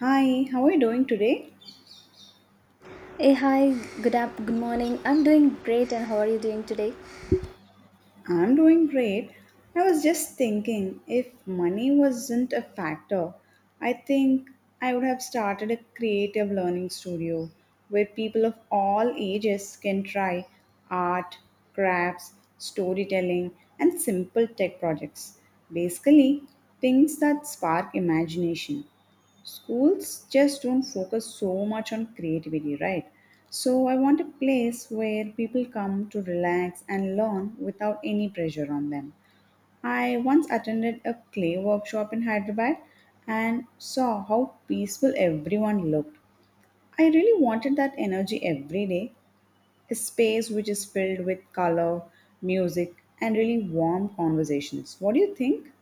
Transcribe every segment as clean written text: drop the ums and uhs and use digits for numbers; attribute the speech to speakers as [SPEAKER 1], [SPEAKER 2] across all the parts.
[SPEAKER 1] Hi, how are you doing today?
[SPEAKER 2] Hey, hi, good morning. I'm doing great, and how are you doing today?
[SPEAKER 1] I'm doing great. I was just thinking if money wasn't a factor, I think I would have started a creative learning studio where people of all ages can try art, crafts, storytelling, and simple tech projects. Basically, things that spark imagination. Schools just don't focus so much on creativity, right? So I want a place where people come to relax and learn without any pressure on them. I once attended a clay workshop in Hyderabad and saw how peaceful everyone looked. I really wanted that energy every day, a space which is filled with color, music, and really warm conversations. What do you think?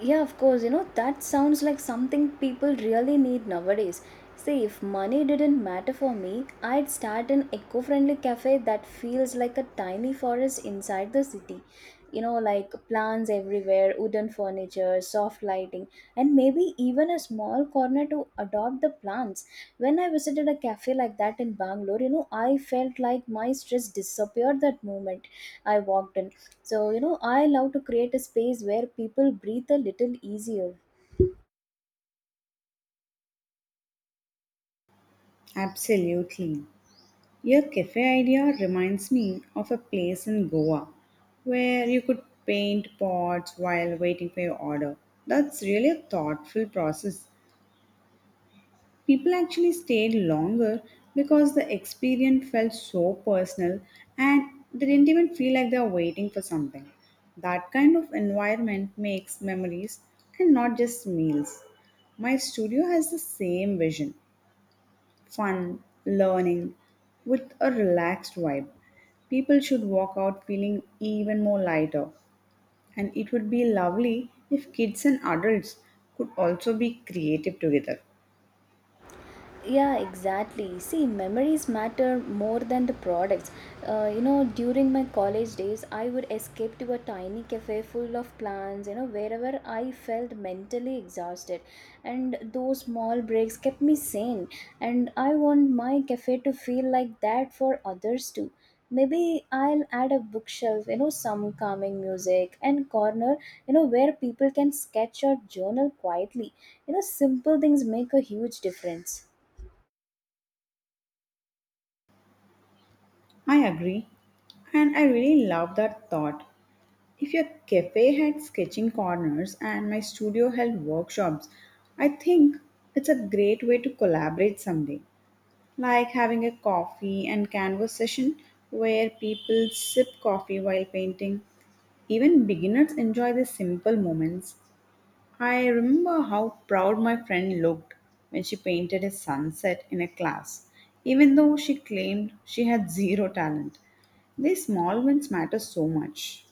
[SPEAKER 2] Yeah, of course, that sounds like something people really need nowadays. See, if money didn't matter for me, I'd start an eco friendly cafe that feels like a tiny forest inside the city. Like plants everywhere, wooden furniture, soft lighting, and maybe even a small corner to adopt the plants. When I visited a cafe like that in Bangalore, I felt like my stress disappeared that moment I walked in. So, I love to create a space where people breathe a little easier.
[SPEAKER 1] Absolutely. Your cafe idea reminds me of a place in Goa where you could paint pots while waiting for your order. That's really a thoughtful process. People actually stayed longer because the experience felt so personal and they didn't even feel like they were waiting for something. That kind of environment makes memories and not just meals. My studio has the same vision: fun, learning, with a relaxed vibe. People should walk out feeling even more lighter. And it would be lovely if kids and adults could also be creative together.
[SPEAKER 2] Yeah, exactly. See, memories matter more than the products. During my college days, I would escape to a tiny cafe full of plants, wherever I felt mentally exhausted. And those small breaks kept me sane. And I want my cafe to feel like that for others too. Maybe I'll add a bookshelf, some calming music and corner, where people can sketch or journal quietly. Simple things make a huge difference.
[SPEAKER 1] I agree. And I really love that thought. If your cafe had sketching corners and my studio held workshops, I think it's a great way to collaborate someday. Like having a coffee and canvas session where people sip coffee while painting. Even beginners enjoy these simple moments. I remember how proud my friend looked when she painted a sunset in a class, even though she claimed she had zero talent. These small wins matter so much.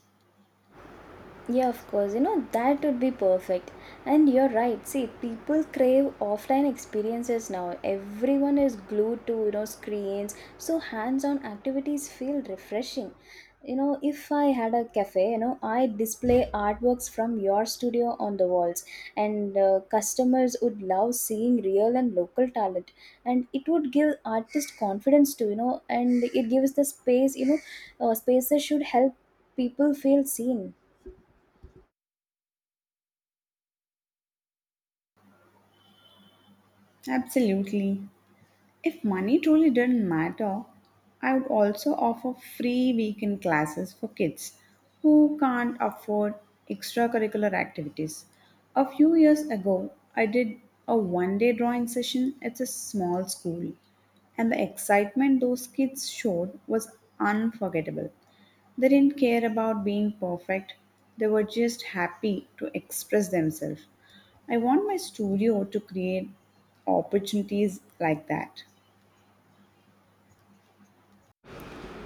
[SPEAKER 2] Yeah, of course. That would be perfect. And you're right. See, people crave offline experiences now. Everyone is glued to, screens. So hands on activities feel refreshing. If I had a cafe, I display artworks from your studio on the walls, and customers would love seeing real and local talent. And it would give artists confidence too, and it gives the space, spaces should help people feel seen.
[SPEAKER 1] Absolutely. If money truly didn't matter, I would also offer free weekend classes for kids who can't afford extracurricular activities. A few years ago, I did a one day drawing session at a small school, and the excitement those kids showed was unforgettable. They didn't care about being perfect, they were just happy to express themselves. I want my studio to create opportunities like that.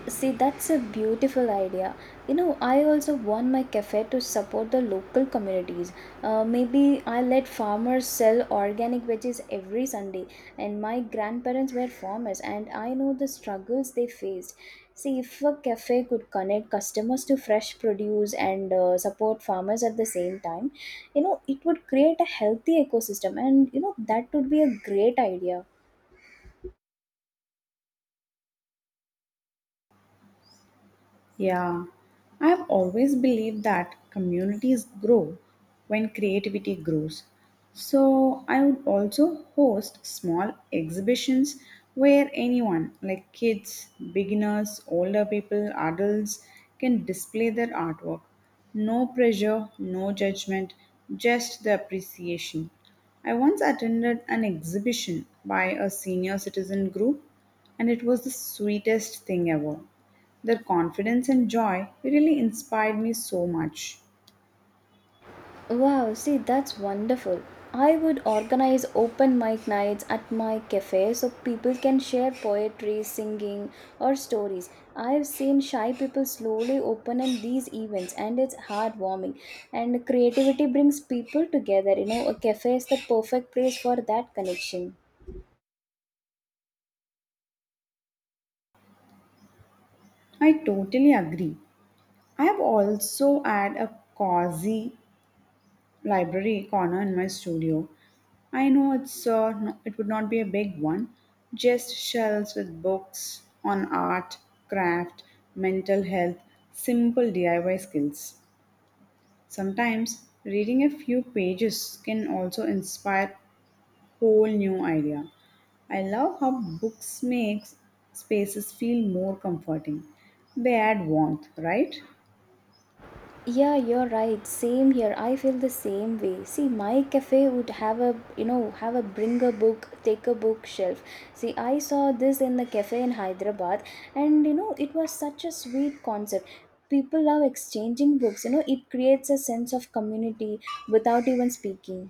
[SPEAKER 2] See, that's a beautiful idea. I also want my cafe to support the local communities. Maybe I let farmers sell organic veggies every Sunday, and my grandparents were farmers, and I know the struggles they faced. See, if a cafe could connect customers to fresh produce and support farmers at the same time, it would create a healthy ecosystem, and that would be a great idea.
[SPEAKER 1] Yeah, I have always believed that communities grow when creativity grows. So I would also host small exhibitions where anyone, like kids, beginners, older people, adults, can display their artwork. No pressure, no judgment, just the appreciation. I once attended an exhibition by a senior citizen group, and it was the sweetest thing ever. Their confidence and joy really inspired me so much.
[SPEAKER 2] Wow, see, that's wonderful. I would organize open mic nights at my cafe so people can share poetry, singing, or stories. I've seen shy people slowly open in these events, and it's heartwarming. And creativity brings people together. A cafe is the perfect place for that connection.
[SPEAKER 1] I totally agree. I have also had a cozy library corner in my studio. I know it's it would not be a big one, just shelves with books on art, craft, mental health, simple DIY skills. Sometimes reading a few pages can also inspire whole new idea. I love how books makes spaces feel more comforting. They add warmth, right?
[SPEAKER 2] Yeah, you're right. Same here. I feel the same way. See, my cafe would have a you know have a bring a book, take a book shelf. See, I saw this in the cafe in Hyderabad, and it was such a sweet concept. People love exchanging books. It creates a sense of community without even speaking.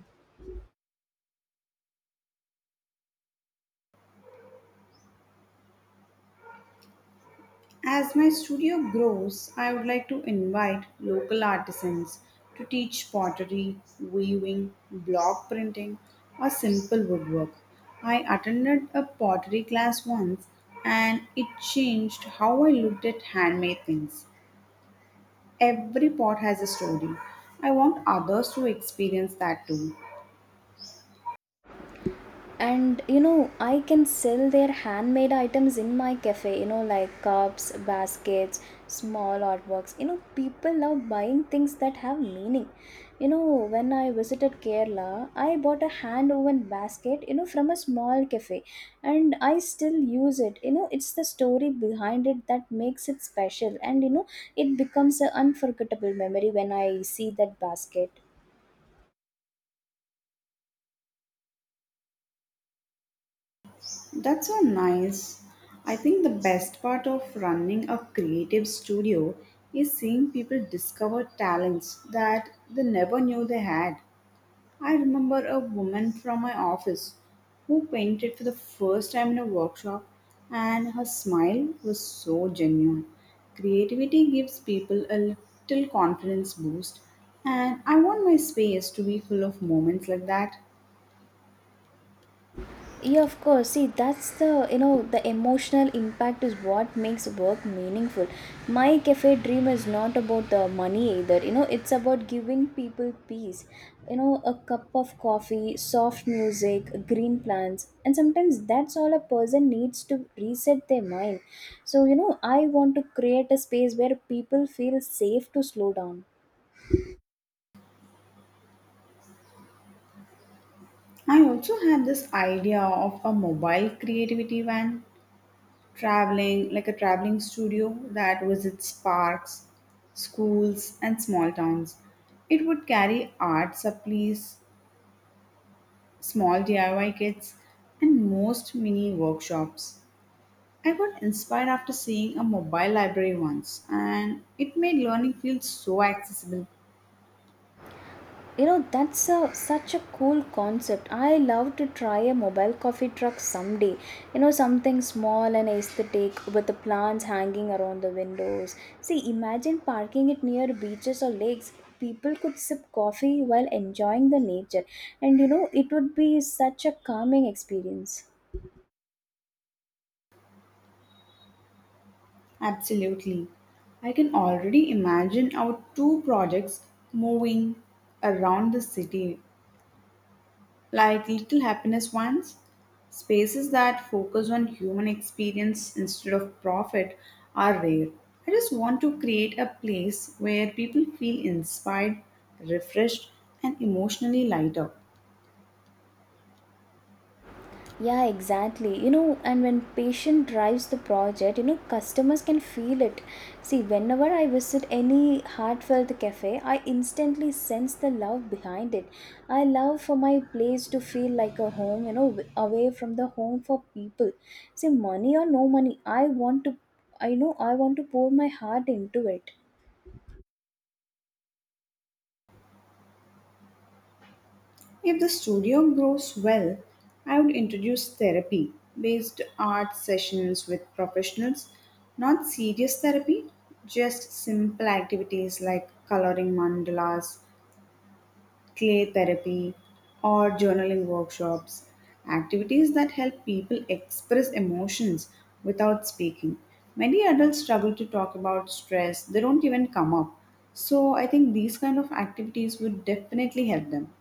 [SPEAKER 1] As my studio grows, I would like to invite local artisans to teach pottery, weaving, block printing, or simple woodwork. I attended a pottery class once and it changed how I looked at handmade things. Every pot has a story. I want others to experience that too.
[SPEAKER 2] And I can sell their handmade items in my cafe, like cups, baskets, small artworks. People love buying things that have meaning. When I visited Kerala, I bought a hand woven basket, from a small cafe, and I still use it. It's the story behind it that makes it special, and it becomes an unforgettable memory when I see that basket.
[SPEAKER 1] That's so nice. I think the best part of running a creative studio is seeing people discover talents that they never knew they had. I remember a woman from my office who painted for the first time in a workshop, and her smile was so genuine. Creativity gives people a little confidence boost, and I want my space to be full of moments like that.
[SPEAKER 2] Yeah, of course. See, that's the you know the emotional impact is what makes work meaningful. My cafe dream is not about the money either. It's about giving people peace. A cup of coffee, soft music, green plants, and sometimes that's all a person needs to reset their mind. So, I want to create a space where people feel safe to slow down.
[SPEAKER 1] I also had this idea of a mobile creativity van, traveling like a traveling studio that visits parks, schools, and small towns. It would carry art supplies, small DIY kits, and most mini workshops. I got inspired after seeing a mobile library once, and it made learning feel so accessible.
[SPEAKER 2] That's a, such a cool concept. I love to try a mobile coffee truck someday. Something small and aesthetic with the plants hanging around the windows. See, imagine parking it near beaches or lakes. People could sip coffee while enjoying the nature, and it would be such a calming experience.
[SPEAKER 1] Absolutely. I can already imagine our two projects moving around the city like little happiness ones. Spaces that focus on human experience instead of profit are rare. I just want to create a place where people feel inspired, refreshed, and emotionally lighter.
[SPEAKER 2] Yeah, exactly. And when patient drives the project, customers can feel it. See, whenever I visit any heartfelt cafe, I instantly sense the love behind it. I love for my place to feel like a home, away from the home for people. See, money or no money, I want to, I know I want to pour my heart into it.
[SPEAKER 1] If the studio grows well, I would introduce therapy based art sessions with professionals, not serious therapy, just simple activities like coloring mandalas, clay therapy, or journaling workshops. Activities that help people express emotions without speaking. Many adults struggle to talk about stress, they don't even come up. So, I think these kind of activities would definitely help them.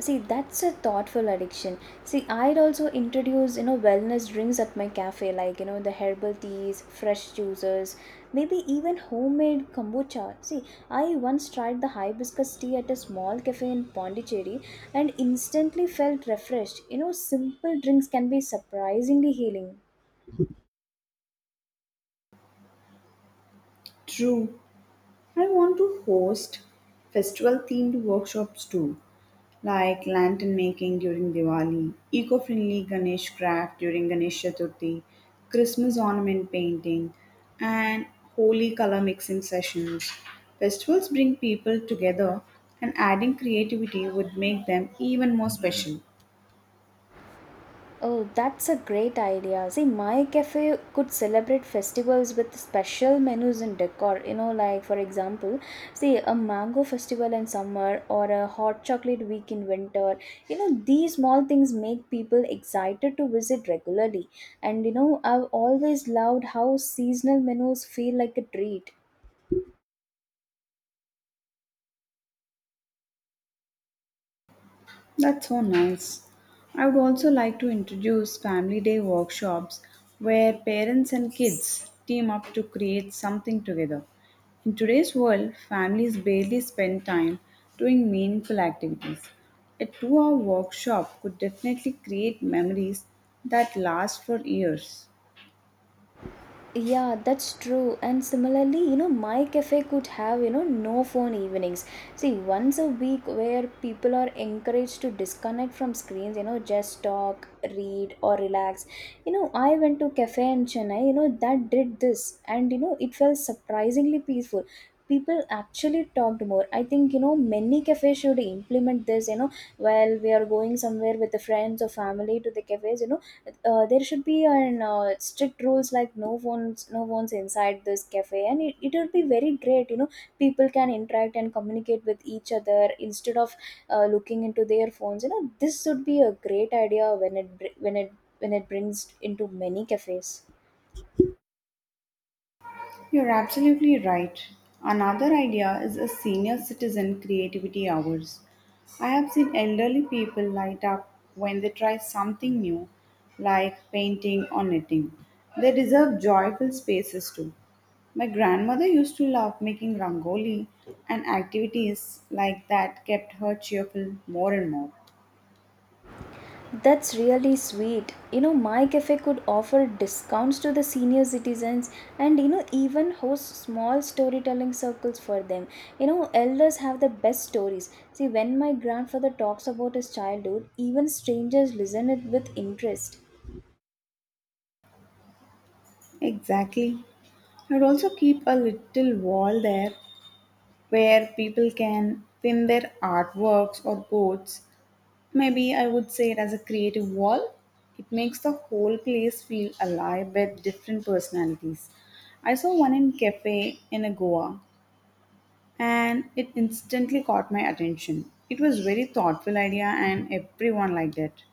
[SPEAKER 2] See, that's a thoughtful addiction. See, I'd also introduce wellness drinks at my cafe, like the herbal teas, fresh juices, maybe even homemade kombucha. See, I once tried the hibiscus tea at a small cafe in Pondicherry, and instantly felt refreshed. Simple drinks can be surprisingly healing.
[SPEAKER 1] True. I want to host festival themed workshops too, like lantern making during Diwali, eco friendly Ganesh craft during Ganesh Chaturthi, Christmas ornament painting, and holy color mixing sessions. Festivals bring people together, and adding creativity would make them even more special.
[SPEAKER 2] Oh, that's a great idea. See, my cafe could celebrate festivals with special menus and decor. Like for example, see a mango festival in summer or a hot chocolate week in winter. These small things make people excited to visit regularly. And I've always loved how seasonal menus feel like a treat.
[SPEAKER 1] That's so nice. I would also like to introduce family day workshops where parents and kids team up to create something together. In today's world, families barely spend time doing meaningful activities. A 2-hour workshop could definitely create memories that last for years.
[SPEAKER 2] Yeah, that's true. And similarly, my cafe could have, no phone evenings. See, once a week where people are encouraged to disconnect from screens, just talk, read, or relax. I went to cafe in Chennai, that did this, and it felt surprisingly peaceful. People actually talked more. I think, many cafes should implement this, while we are going somewhere with the friends or family to the cafes, there should be an strict rules like no phones inside this cafe, and it would be very great. People can interact and communicate with each other instead of looking into their phones. This would be a great idea when it br- when it brings into many cafes.
[SPEAKER 1] You're absolutely right. Another idea is a senior citizen creativity hours. I have seen elderly people light up when they try something new, like painting or knitting. They deserve joyful spaces too. My grandmother used to love making rangoli, and activities like that kept her cheerful more and more.
[SPEAKER 2] That's really sweet. My cafe could offer discounts to the senior citizens and, even host small storytelling circles for them. Elders have the best stories. See, when my grandfather talks about his childhood, even strangers listen it with interest.
[SPEAKER 1] Exactly. I'd also keep a little wall there where people can pin their artworks or quotes. Maybe I would say it as a creative wall. It makes the whole place feel alive with different personalities. I saw one in cafe in a Goa and it instantly caught my attention. It was very thoughtful idea and everyone liked it.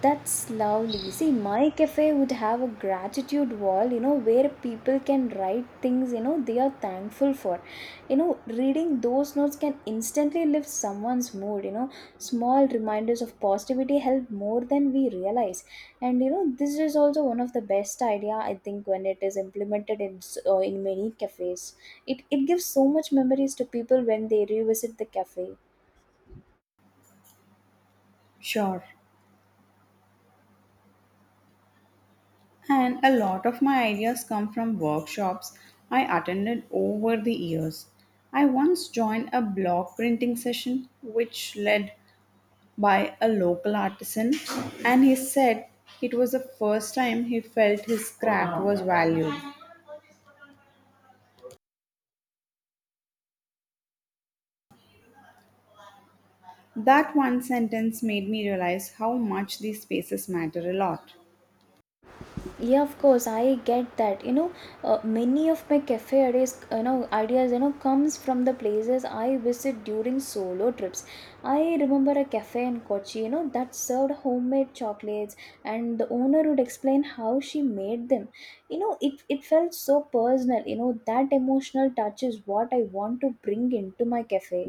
[SPEAKER 2] That's lovely. See, my cafe would have a gratitude wall, where people can write things, they are thankful for. Reading those notes can instantly lift someone's mood. Small reminders of positivity help more than we realize. And, this is also one of the best idea, I think, when it is implemented in many cafes. It gives so much memories to people when they revisit the cafe.
[SPEAKER 1] Sure. And a lot of my ideas come from workshops I attended over the years. I once joined a block printing session which led by a local artisan, and he said it was the first time he felt his craft was valued. That one sentence made me realize how much these spaces matter a lot.
[SPEAKER 2] Yeah, of course, I get that. Many of my cafe ideas you know comes from the places I visit during solo trips. I remember a cafe in Kochi, that served homemade chocolates, and the owner would explain how she made them. It felt so personal. That emotional touch is what I want to bring into my cafe.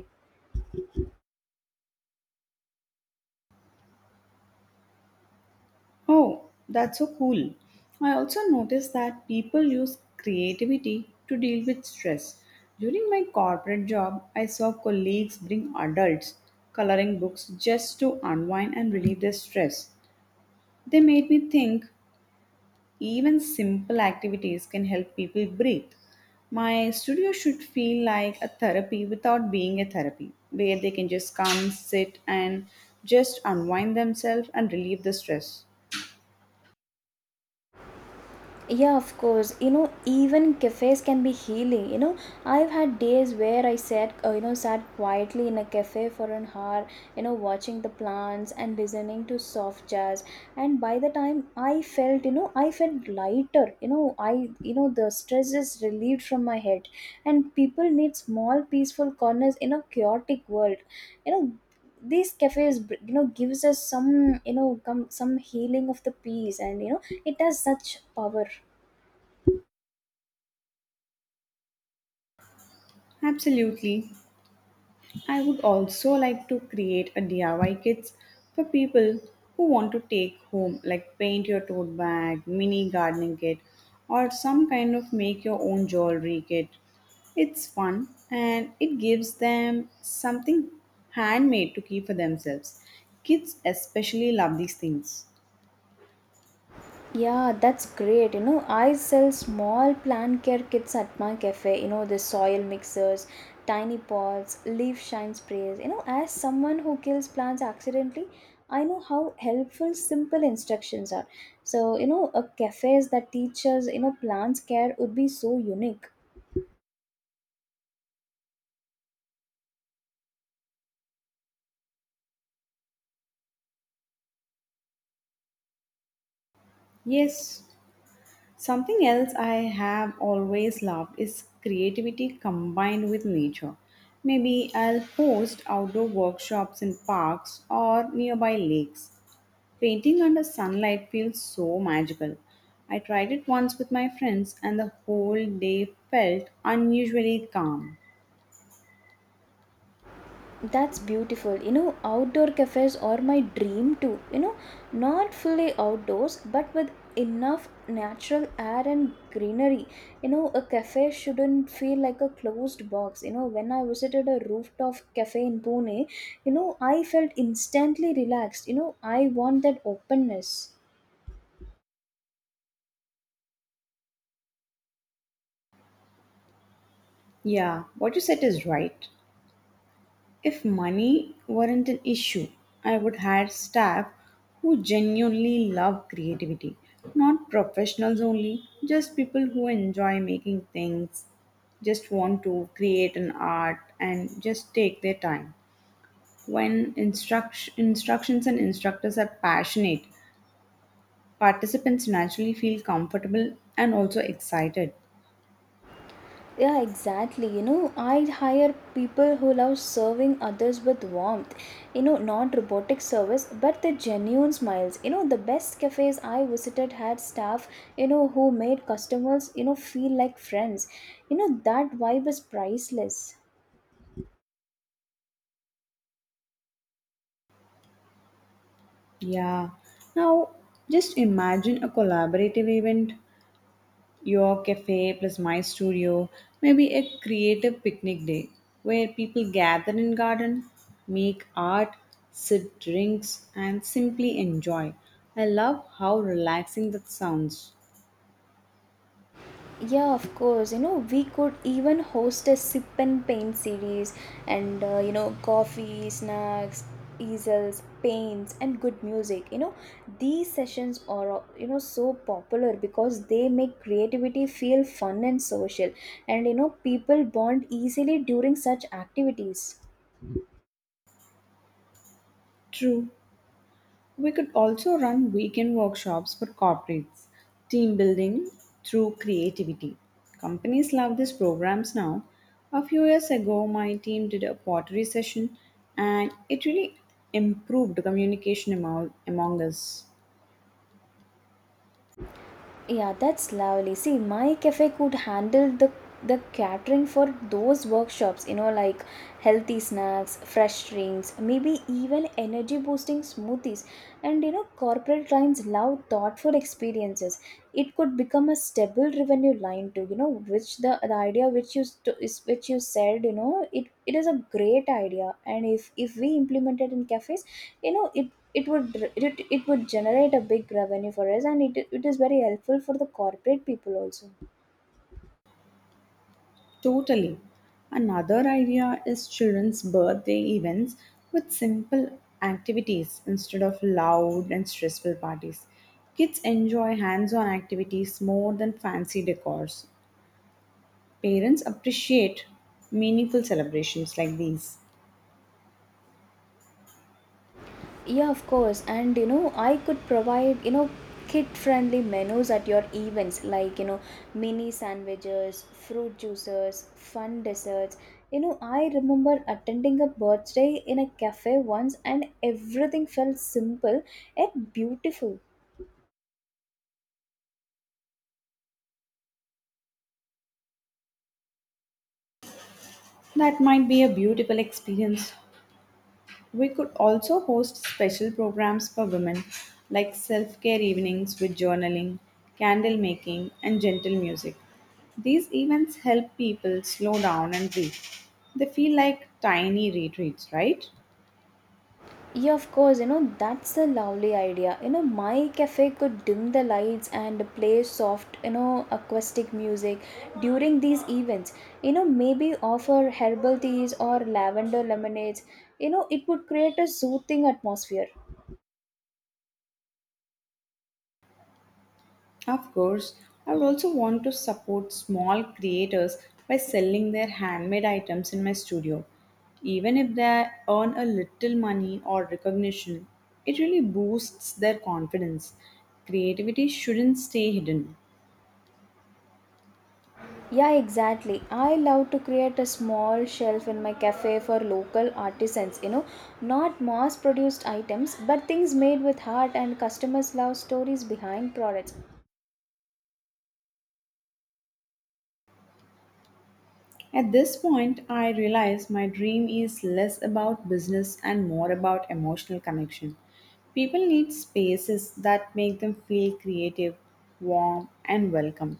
[SPEAKER 1] Oh, that's so cool. I also noticed that people use creativity to deal with stress. During my corporate job, I saw colleagues bring adults coloring books just to unwind and relieve their stress. They made me think. Even simple activities can help people breathe. My studio should feel like a therapy without being a therapy, where they can just come, sit, and just unwind themselves and relieve the stress.
[SPEAKER 2] Yeah, of course. Even cafes can be healing. I've had days where I sat quietly in a cafe for an hour, watching the plants and listening to soft jazz, and by the time I felt, you know I felt lighter. You know I you know the stress is relieved from my head, and people need small peaceful corners in a chaotic world. You know these cafes gives us some, come some healing of the peace, and it has such power.
[SPEAKER 1] Absolutely. I would also like to create a DIY kits for people who want to take home, like paint your tote bag, mini gardening kit, or some kind of make your own jewelry kit. It's fun and it gives them something handmade to keep for themselves. Kids especially love these things.
[SPEAKER 2] Yeah, that's great. I sell small plant care kits at my cafe. The soil mixers, tiny pots, leaf shine sprays. As someone who kills plants accidentally, I know how helpful simple instructions are. So, a cafes that teaches, plants care would be so unique.
[SPEAKER 1] Yes, something else I have always loved is creativity combined with nature. Maybe I'll host outdoor workshops in parks or nearby lakes. Painting under sunlight feels so magical. I tried it once with my friends, and the whole day felt unusually calm.
[SPEAKER 2] That's beautiful. Outdoor cafes are my dream too. Not fully outdoors, but with enough natural air and greenery. A cafe shouldn't feel like a closed box. When I visited a rooftop cafe in Pune, I felt instantly relaxed. I want that openness.
[SPEAKER 1] Yeah, what you said is right. If money weren't an issue, I would hire staff who genuinely love creativity, not professionals only, just people who enjoy making things, just want to create an art and just take their time. When instructions and instructors are passionate, participants naturally feel comfortable and also excited.
[SPEAKER 2] Yeah, exactly. I hire people who love serving others with warmth. Not robotic service, but the genuine smiles. The best cafes I visited had staff, who made customers, feel like friends. That vibe is priceless.
[SPEAKER 1] Yeah. Now, just imagine a collaborative event: your cafe plus my studio, maybe a creative picnic day where people gather in garden, make art, sip drinks, and simply enjoy. I love how relaxing that sounds.
[SPEAKER 2] Yeah, of course. We could even host a sip and paint series and, coffee, snacks, easels, paints, and good music. These sessions are, so popular because they make creativity feel fun and social. And, people bond easily during such activities.
[SPEAKER 1] True. We could also run weekend workshops for corporates, team building through creativity. Companies love these programs now. A few years ago, my team did a pottery session and it really improved communication among us.
[SPEAKER 2] Yeah, that's lovely. See, my cafe could handle the catering for those workshops, like healthy snacks, fresh drinks, maybe even energy boosting smoothies. And you know, corporate clients love thoughtful experiences. It could become a stable revenue line too, you know, which the idea which you st- is which you said, you know, it is a great idea. And if we implement it in cafes, you know, it would generate a big revenue for us and it is very helpful for the corporate people also.
[SPEAKER 1] Totally. Another idea is children's birthday events with simple activities instead of loud and stressful parties. Kids enjoy hands on activities more than fancy decors. Parents appreciate meaningful celebrations like these.
[SPEAKER 2] Yeah, of course. And you know, I could provide, you know, kid friendly menus at your events, like, you know, mini sandwiches, fruit juices, fun desserts. You know, I remember attending a birthday in a cafe once and everything felt simple yet beautiful.
[SPEAKER 1] That might be a beautiful experience. We could also host special programs for women, like self care evenings with journaling, candle making, and gentle music. These events help people slow down and breathe. They feel like tiny retreats, right?
[SPEAKER 2] Yeah, of course, you know, that's a lovely idea. You know, my cafe could dim the lights and play soft, you know, acoustic music during these events. You know, maybe offer herbal teas or lavender lemonades. You know, it would create a soothing atmosphere.
[SPEAKER 1] Of course, I would also want to support small creators by selling their handmade items in my studio. Even if they earn a little money or recognition, it really boosts their confidence. Creativity shouldn't stay hidden.
[SPEAKER 2] Yeah, exactly. I love to create a small shelf in my cafe for local artisans, you know, not mass produced items, but things made with heart, and customers love stories behind products.
[SPEAKER 1] At this point, I realize my dream is less about business and more about emotional connection. People need spaces that make them feel creative, warm, and welcome.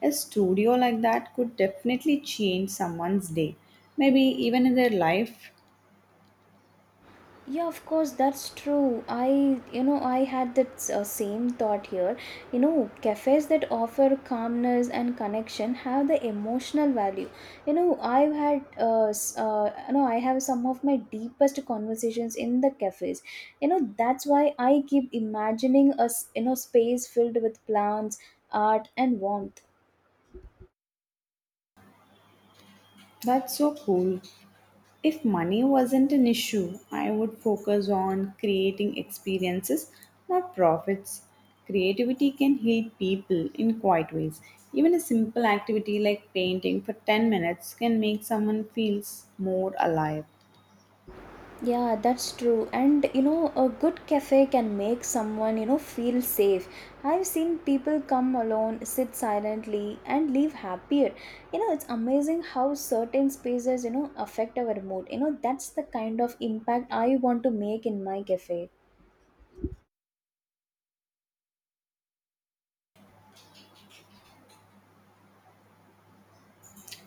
[SPEAKER 1] A studio like that could definitely change someone's day, maybe even in their life.
[SPEAKER 2] Yeah, of course, that's true. I, you know, I had that same thought here. You know, cafes that offer calmness and connection have the emotional value. You know, I've had, you know, I have some of my deepest conversations in the cafes. You know, that's why I keep imagining you know, space filled with plants, art, and warmth.
[SPEAKER 1] That's so cool. If money wasn't an issue, I would focus on creating experiences, not profits. Creativity can heal people in quiet ways. Even a simple activity like painting for 10 minutes can make someone feels more alive.
[SPEAKER 2] Yeah, that's true. And you know, a good cafe can make someone, you know, feel safe. I've seen people come alone, sit silently, and leave happier. You know, it's amazing how certain spaces, you know, affect our mood. You know, that's the kind of impact I want to make in my cafe.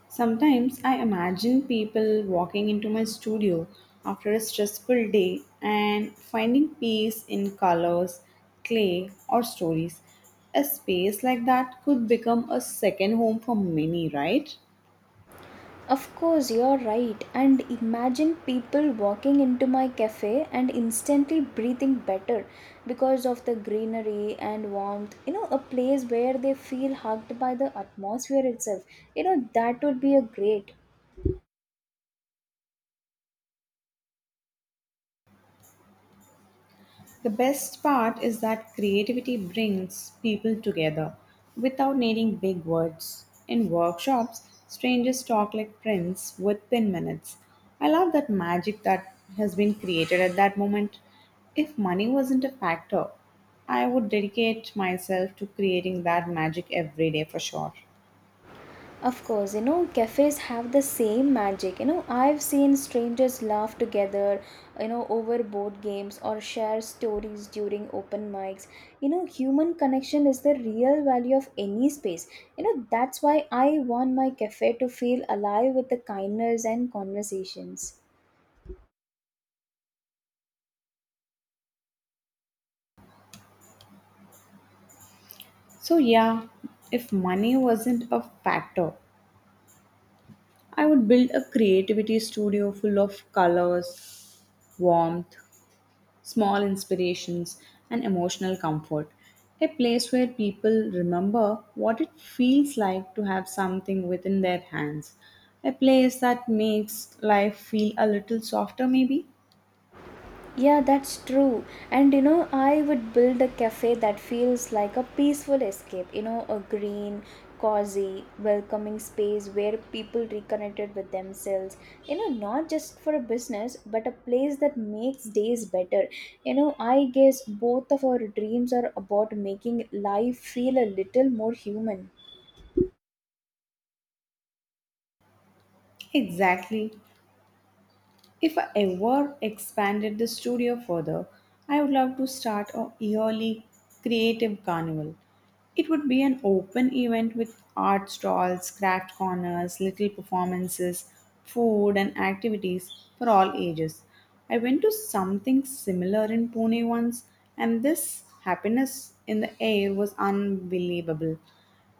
[SPEAKER 1] Sometimes I imagine people walking into my studio after a stressful day and finding peace in colors, clay, or stories. A space like that could become a second home for many, right?
[SPEAKER 2] Of course, you're right. And imagine people walking into my cafe and instantly breathing better because of the greenery and warmth. You know, a place where they feel hugged by the atmosphere itself. You know, that would be a great.
[SPEAKER 1] The best part is that creativity brings people together without needing big words. In workshops, strangers talk like friends within minutes. I love that magic that has been created at that moment. If money wasn't a factor, I would dedicate myself to creating that magic every day for sure.
[SPEAKER 2] Of course, you know, cafes have the same magic. You know, I've seen strangers laugh together, you know, over board games or share stories during open mics. You know, human connection is the real value of any space. You know, that's why I want my cafe to feel alive with the kindness and conversations.
[SPEAKER 1] So, yeah, if money wasn't a factor, I would build a creativity studio full of colors, warmth, small inspirations, and emotional comfort. A place where people remember what it feels like to have something within their hands. A place that makes life feel a little softer, maybe?
[SPEAKER 2] Yeah, that's true. And you know, I would build a cafe that feels like a peaceful escape, you know, a green, cozy, welcoming space where people reconnected with themselves. You know, not just for a business, but a place that makes days better. You know, I guess both of our dreams are about making life feel a little more human.
[SPEAKER 1] Exactly. If I ever expanded the studio further, I would love to start a yearly creative carnival. It would be an open event with art stalls, craft corners, little performances, food, and activities for all ages. I went to something similar in Pune once, and this happiness in the air was unbelievable.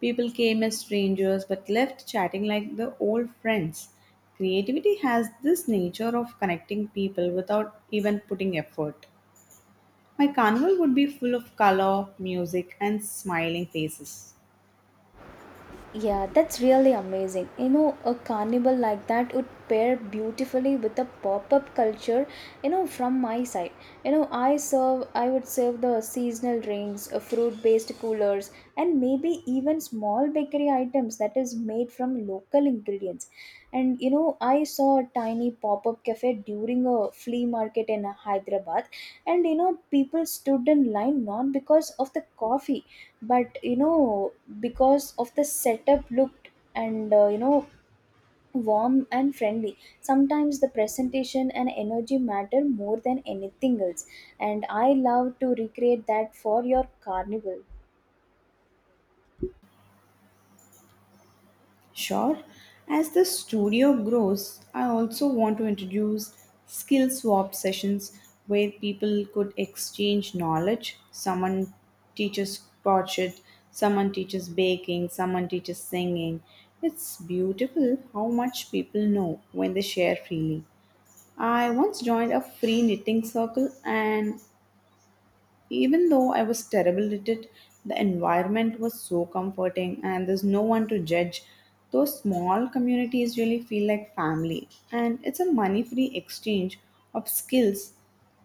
[SPEAKER 1] People came as strangers but left chatting like the old friends. Creativity has this nature of connecting people without even putting effort. My carnival would be full of color, music, and smiling faces.
[SPEAKER 2] Yeah, that's really amazing. You know, a carnival like that would pair beautifully with a pop-up culture, you know, from my side. You know, I would serve the seasonal drinks, fruit-based coolers, and maybe even small bakery items that is made from local ingredients. And you know, I saw a tiny pop-up cafe during a flea market in Hyderabad, and you know, people stood in line not because of the coffee, but you know, because of the setup looked and you know, warm and friendly. Sometimes the presentation and energy matter more than anything else, and I love to recreate that for your carnival.
[SPEAKER 1] Sure. As the studio grows, I also want to introduce skill swap sessions where people could exchange knowledge. Someone teaches crochet, someone teaches baking, someone teaches singing. It's beautiful how much people know when they share freely. I once joined a free knitting circle and even though I was terrible at it, the environment was so comforting and there's no one to judge. Those small communities really feel like family, and it's a money free exchange of skills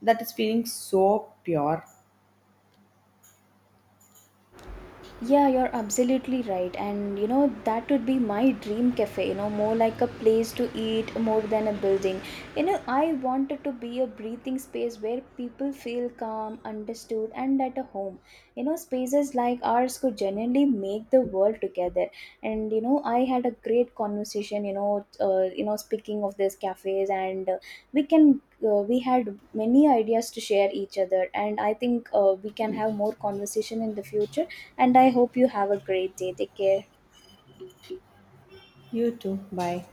[SPEAKER 1] that is feeling so pure.
[SPEAKER 2] Yeah, you're absolutely right. And you know, that would be my dream cafe, you know, more like a place to eat more than a building. You know, I want it to be a breathing space where people feel calm, understood, and at a home. You know, spaces like ours could genuinely make the world together. And you know, I had a great conversation, you know, speaking of these cafes, and we can. We had many ideas to share each other and I think we can have more conversation in the future, and I hope you have a great day. Take care.
[SPEAKER 1] You too. Bye.